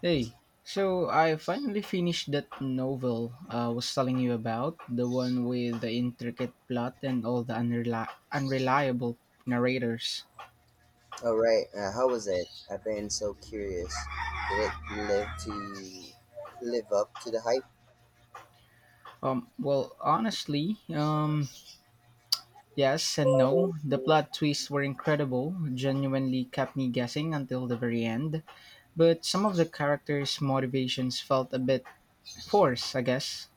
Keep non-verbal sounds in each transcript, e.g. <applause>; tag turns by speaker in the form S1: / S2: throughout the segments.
S1: Hey, so I finally finished that novel I was telling you about, the one with the intricate plot and all the unreliable narrators.
S2: All right. How was it? I've been so curious. Did it live to live up to the hype?
S1: Well, honestly, yes and no. The plot twists were incredible, genuinely kept me guessing until the very end. But some of the characters' motivations felt a bit forced, I guess.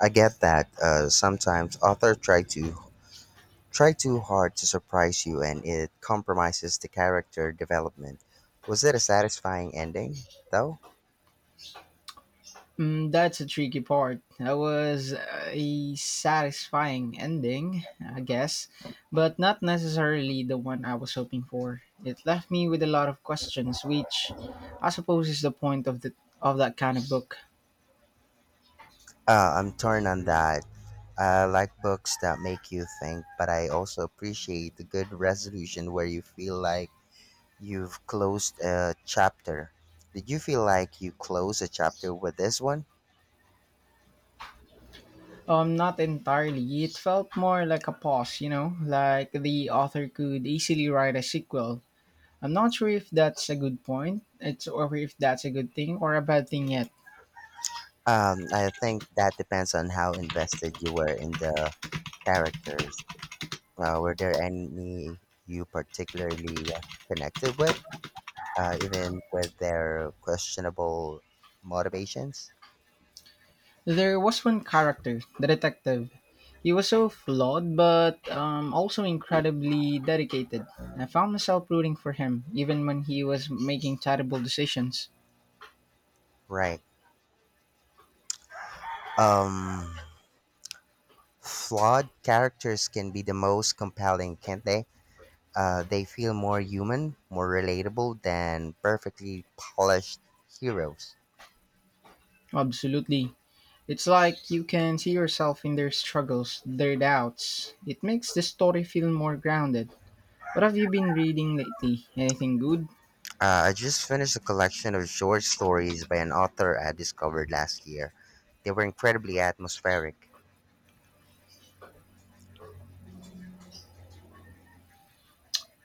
S2: I get that sometimes authors try too hard to surprise you, and it compromises the character development. Was it a satisfying ending, though?
S1: Mm, that's a tricky part. That was a satisfying ending, I guess, but not necessarily the one I was hoping for. It left me with a lot of questions, which I suppose is the point of the of that kind of book.
S2: I'm torn on that. I like books that make you think, but I also appreciate the good resolution where you feel like you've closed a chapter. Did you feel like you closed a chapter with this one?
S1: Not entirely. It felt more like a pause, like the author could easily write a sequel. I'm not sure if that's a good point, it's or if that's a good thing or a bad thing yet.
S2: I think that depends on how invested you were in the characters. Were there any you particularly connected with, even with their questionable motivations?
S1: There was one character, the detective. He was so flawed, but also incredibly dedicated. I found myself rooting for him, even when he was making terrible decisions.
S2: Right. Um, Flawed characters can be the most compelling, can't they? They feel more human, more relatable than perfectly polished heroes.
S1: Absolutely. It's like you can see yourself in their struggles, their doubts. It makes the story feel more grounded. What have you been reading lately? Anything good?
S2: I just finished a collection of short stories by an author I discovered last year. They were incredibly atmospheric,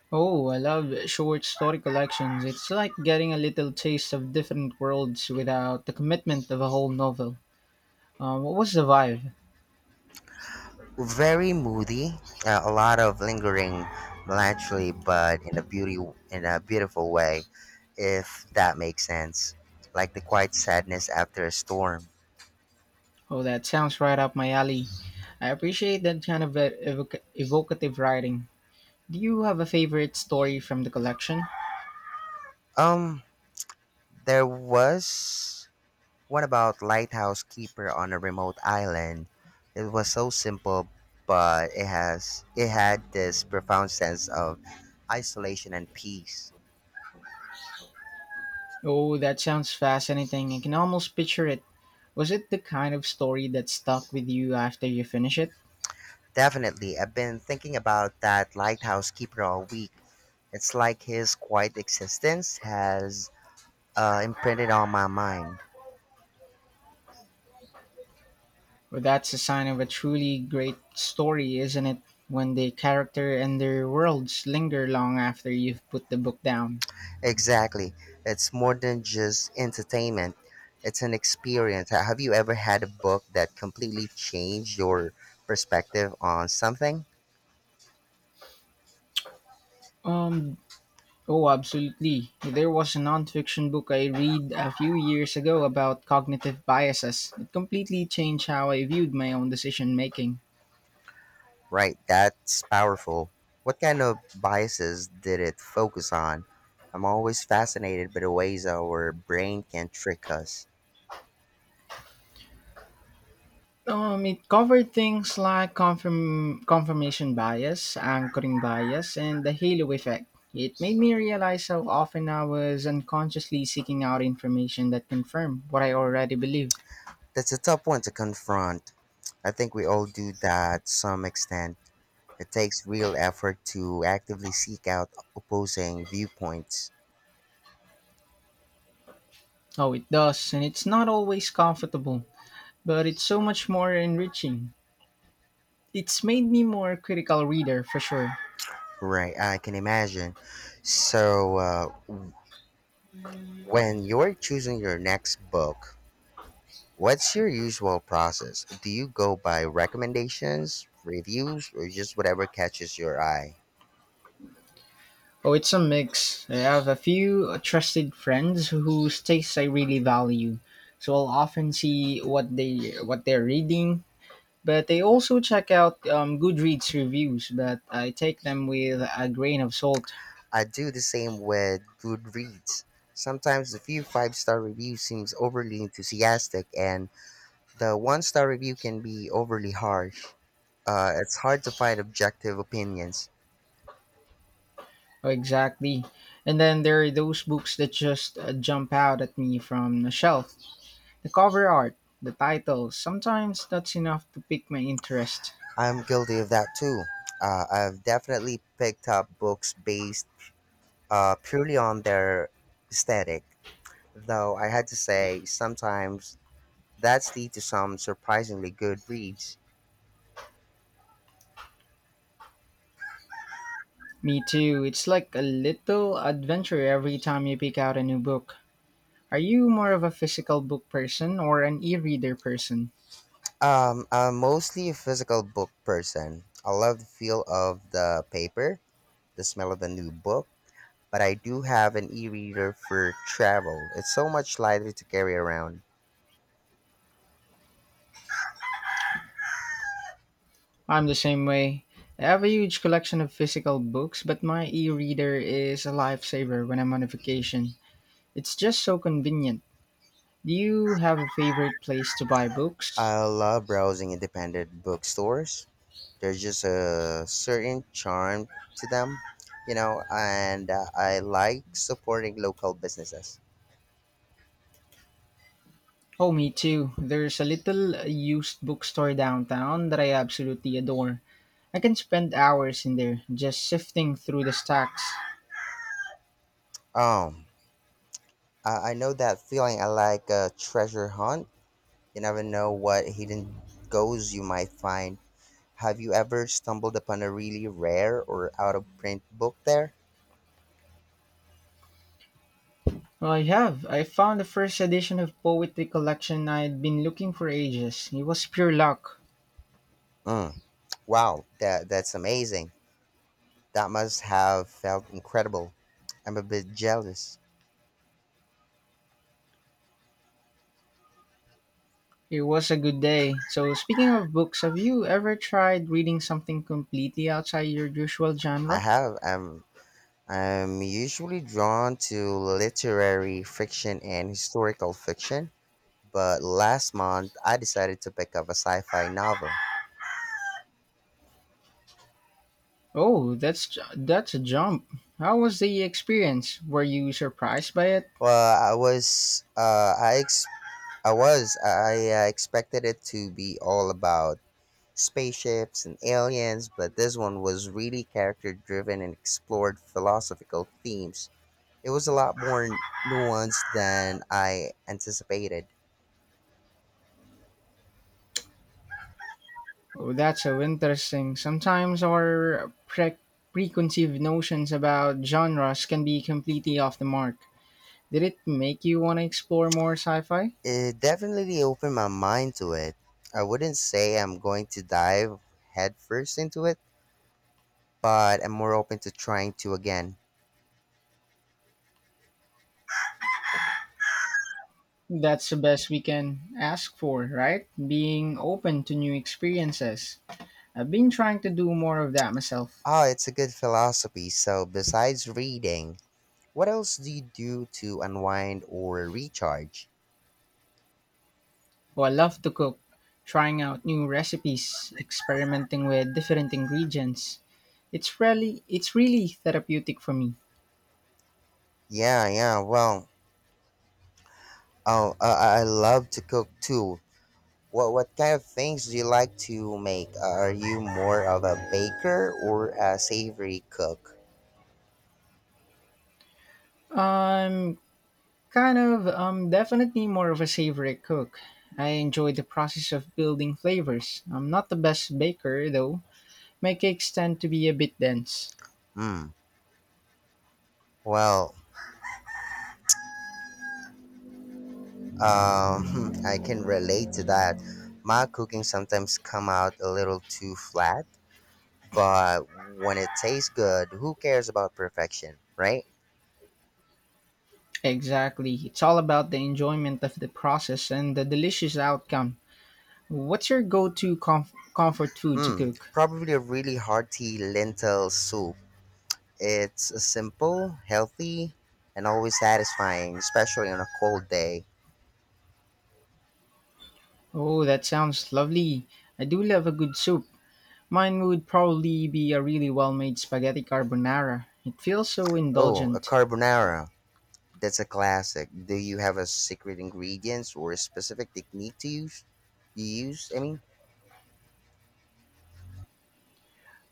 S1: Oh, I love short story collections. It's like getting a little taste of different worlds without the commitment of a whole novel. What was the vibe?
S2: very moody, a lot of lingering melancholy, but in a beautiful way, if that makes sense. Like the quiet sadness after a storm.
S1: Oh, that sounds right up my alley. I appreciate that kind of evocative writing. Do you have a favorite story from the collection?
S2: Um, there was What about Lighthouse Keeper on a remote island? It was so simple, but it had this profound sense of isolation and peace.
S1: Oh, that sounds fascinating. I can almost picture it. Was it the kind of story that stuck with you after you finish it?
S2: Definitely, I've been thinking about that Lighthouse Keeper all week. It's like his quiet existence has imprinted on my mind.
S1: Well, that's a sign of a truly great story, isn't it? When the character and their worlds linger long after you've put the book down.
S2: Exactly. It's more than just entertainment, it's an experience. Have you ever had a book that completely changed your perspective on something?
S1: Um, Oh, absolutely. There was a nonfiction book I read a few years ago about cognitive biases. It completely changed how I viewed my own decision making.
S2: Right, that's powerful. What kind of biases did it focus on? I'm always fascinated by the ways our brain can trick us.
S1: It covered things like confirmation bias, anchoring bias, and the halo effect. It made me realize how often I was unconsciously seeking out information that confirmed what I already believed.
S2: That's a tough one to confront. I think we all do that to some extent. It takes real effort to actively seek out opposing viewpoints.
S1: Oh, it does, and it's not always comfortable, but it's so much more enriching. It's made me more critical reader for sure.
S2: Right, I can imagine. So, when you're choosing your next book, what's your usual process? Do you go by recommendations, reviews, or just whatever catches your eye?
S1: Oh, it's a mix. I have a few trusted friends whose tastes I really value, so I'll often see what they're reading. But I also check out Goodreads reviews, but I take them with a grain of salt.
S2: I do the same with Goodreads. Sometimes the few five-star reviews seems overly enthusiastic, and the one star review can be overly harsh. It's hard to find objective opinions.
S1: Oh, exactly. And then there are those books that just jump out at me from the shelf. The cover art, the title, sometimes that's enough to pique my interest.
S2: I'm guilty of that too. I've definitely picked up books based purely on their aesthetic, though I had to say sometimes that's lead to some surprisingly good reads.
S1: Me too. It's like a little adventure every time you pick out a new book. Are you more of a physical book person or an e reader person?
S2: I'm mostly a physical book person. I love the feel of the paper, the smell of a new book, but I do have an e-reader for travel. It's so much lighter to carry around.
S1: I'm the same way. I have a huge collection of physical books, but my e reader is a lifesaver when I'm on a vacation. It's just so convenient. Do you have a favorite place to buy books?
S2: I love browsing independent bookstores. There's just a certain charm to them, you know, and I like supporting local businesses.
S1: Oh, me too. There's a little used bookstore downtown that I absolutely adore. I can spend hours in there just sifting through the stacks.
S2: Um, I know that feeling. I like a treasure hunt. You never know what hidden goals you might find. Have you ever stumbled upon a really rare or out of print book there?
S1: Well, I have. I found the first edition of poetry collection I'd been looking for ages. It was pure luck.
S2: Mm, wow, that's amazing. That must have felt incredible. I'm a bit jealous.
S1: It was a good day. So speaking of books, have you ever tried reading something completely outside your usual
S2: I
S1: genre?
S2: have. I'm usually drawn to literary fiction and historical fiction, but last month I decided to pick up a sci fi novel.
S1: Oh, that's a jump. How was the experience? Were you surprised by it?
S2: Well, I was I was. I expected it to be all about spaceships and aliens, but this one was really character driven and explored philosophical themes. It was a lot more nuanced than I anticipated.
S1: Oh, that's so interesting. Sometimes our preconceived notions about genres can be completely off the mark. Did it make you want to explore more sci-fi?
S2: It definitely opened my mind to it. I wouldn't say I'm going to dive headfirst into it, but I'm more open to trying to again.
S1: That's the best we can ask for, right? Being open to new experiences. I've been trying to do more of that myself.
S2: Oh, it's a good philosophy. So, besides reading, what else do you do to unwind or recharge?
S1: Oh, I love to cook, trying out new recipes, experimenting with different ingredients. It's really therapeutic for me.
S2: Yeah, yeah. I love to cook too. What kind of things do you like to make? Are you more of a baker or a savory cook?
S1: I'm I'm definitely more of a savory cook. I enjoy the process of building flavors. I'm not the best baker though. My cakes tend to be a bit dense.
S2: Hmm. Well, <laughs> I can relate to that. My cooking sometimes come out a little too flat, but when it tastes good, who cares about perfection, right?
S1: Exactly. It's all about the enjoyment of the process and the delicious outcome. What's your go to comfort food to
S2: Hmm.
S1: cook?
S2: Probably a really hearty lentil soup. It's Simple, healthy, and always satisfying, especially on a cold day.
S1: Oh, that sounds lovely. I do love a good soup. Mine would probably be a really well made spaghetti carbonara. It feels so
S2: Oh, a
S1: indulgent.
S2: carbonara. That's a classic. Do you have a secret ingredients or a specific technique to use? You use, I mean?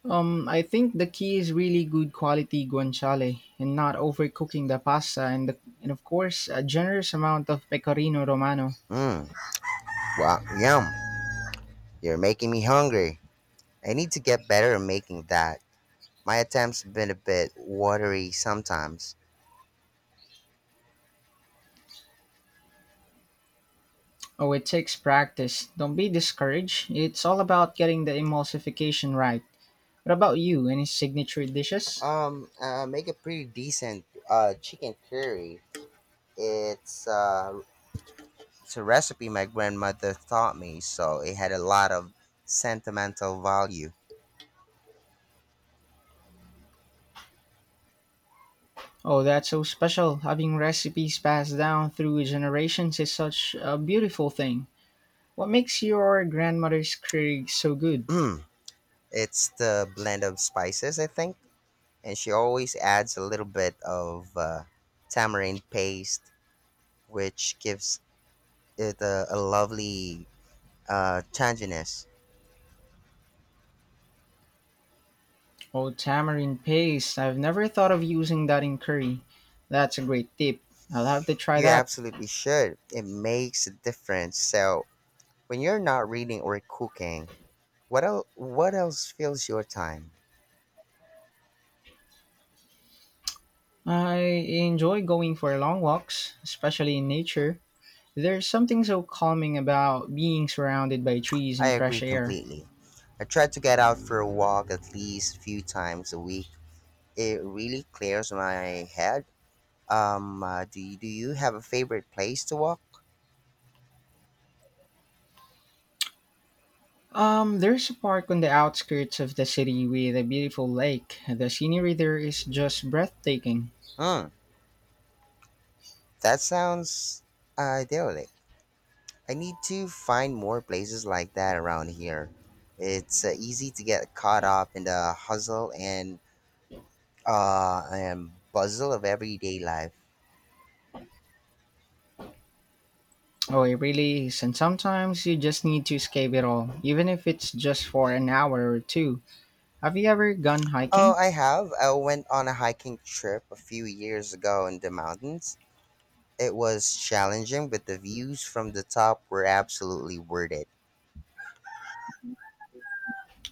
S1: I think the key is really good quality guanciale and not overcooking the pasta, and of course a generous amount of pecorino romano.
S2: Mmm, wow, yum. You're making me hungry. I need to get better at making that. My attempts have been a bit watery sometimes.
S1: Oh, it takes practice. Don't be discouraged. It's all about getting the emulsification right. What about you? Any signature dishes?
S2: Make a pretty decent chicken curry. It's uh, It's a recipe my grandmother taught me, so it had a lot of sentimental value.
S1: Oh, that's so special. Having recipes passed down through generations is such a beautiful thing. What makes your grandmother's curry so good?
S2: Mm, <clears throat> it's the blend of spices, I think, and she always adds a little bit of tamarind paste, which gives it a lovely tanginess.
S1: Oh, tamarind paste. I've never thought of using that in curry. That's a great tip. I'll have to try
S2: You
S1: that.
S2: absolutely should. It makes a difference. So when you're not reading or cooking, what else fills your time?
S1: I enjoy going for long walks, especially in nature. There's something so calming about being surrounded by trees
S2: I
S1: and
S2: agree
S1: fresh air.
S2: completely. I try to get out for a walk at least few times a week. It really clears my head. Do you have a favorite place to walk?
S1: There's a park on the outskirts of the city with a beautiful lake. The scenery there is just breathtaking.
S2: Hmm, that sounds idyllic. I need to find more places like that around here. It's easy to get caught up in the hustle and bustle of everyday life.
S1: Oh, it really is. And sometimes you just need to escape it all, even if it's just for an hour or two. Have you ever gone
S2: Oh,
S1: hiking?
S2: I have. I went on a hiking trip a few years ago in the mountains. It was challenging, but the views from the top were absolutely worth it.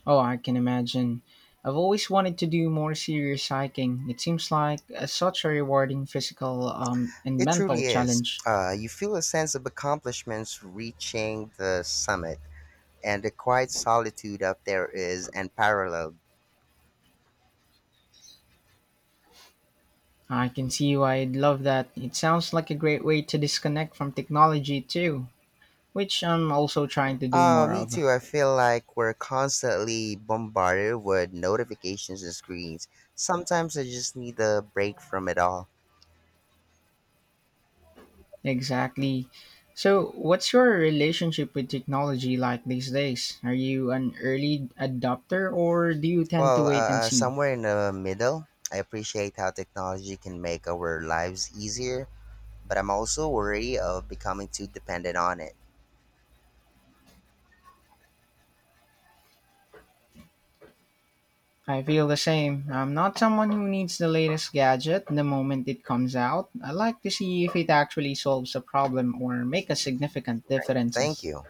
S1: Oh, I can imagine. I've always wanted to do more serious hiking. It seems like a, such a rewarding physical and
S2: It
S1: mental
S2: truly is.
S1: challenge.
S2: You feel a sense of accomplishments reaching the summit, and the quiet solitude up there is unparalleled.
S1: I can see why I would love that. It sounds like a great way to disconnect from technology too, which I'm also trying to do
S2: Uh,
S1: more
S2: me
S1: of.
S2: too. I feel like we're constantly bombarded with notifications and screens. Sometimes I just need a break from it all.
S1: Exactly. So, what's your relationship with technology like these days? Are you an early adopter or do you tend to wait and see?
S2: Somewhere in the middle, I appreciate how technology can make our lives easier, but I'm also worried of becoming too dependent on it.
S1: I feel the same. I'm not someone who needs the latest gadget the moment it comes out. I like to see if it actually solves a problem or make a significant
S2: Right. Thank
S1: differences.
S2: you.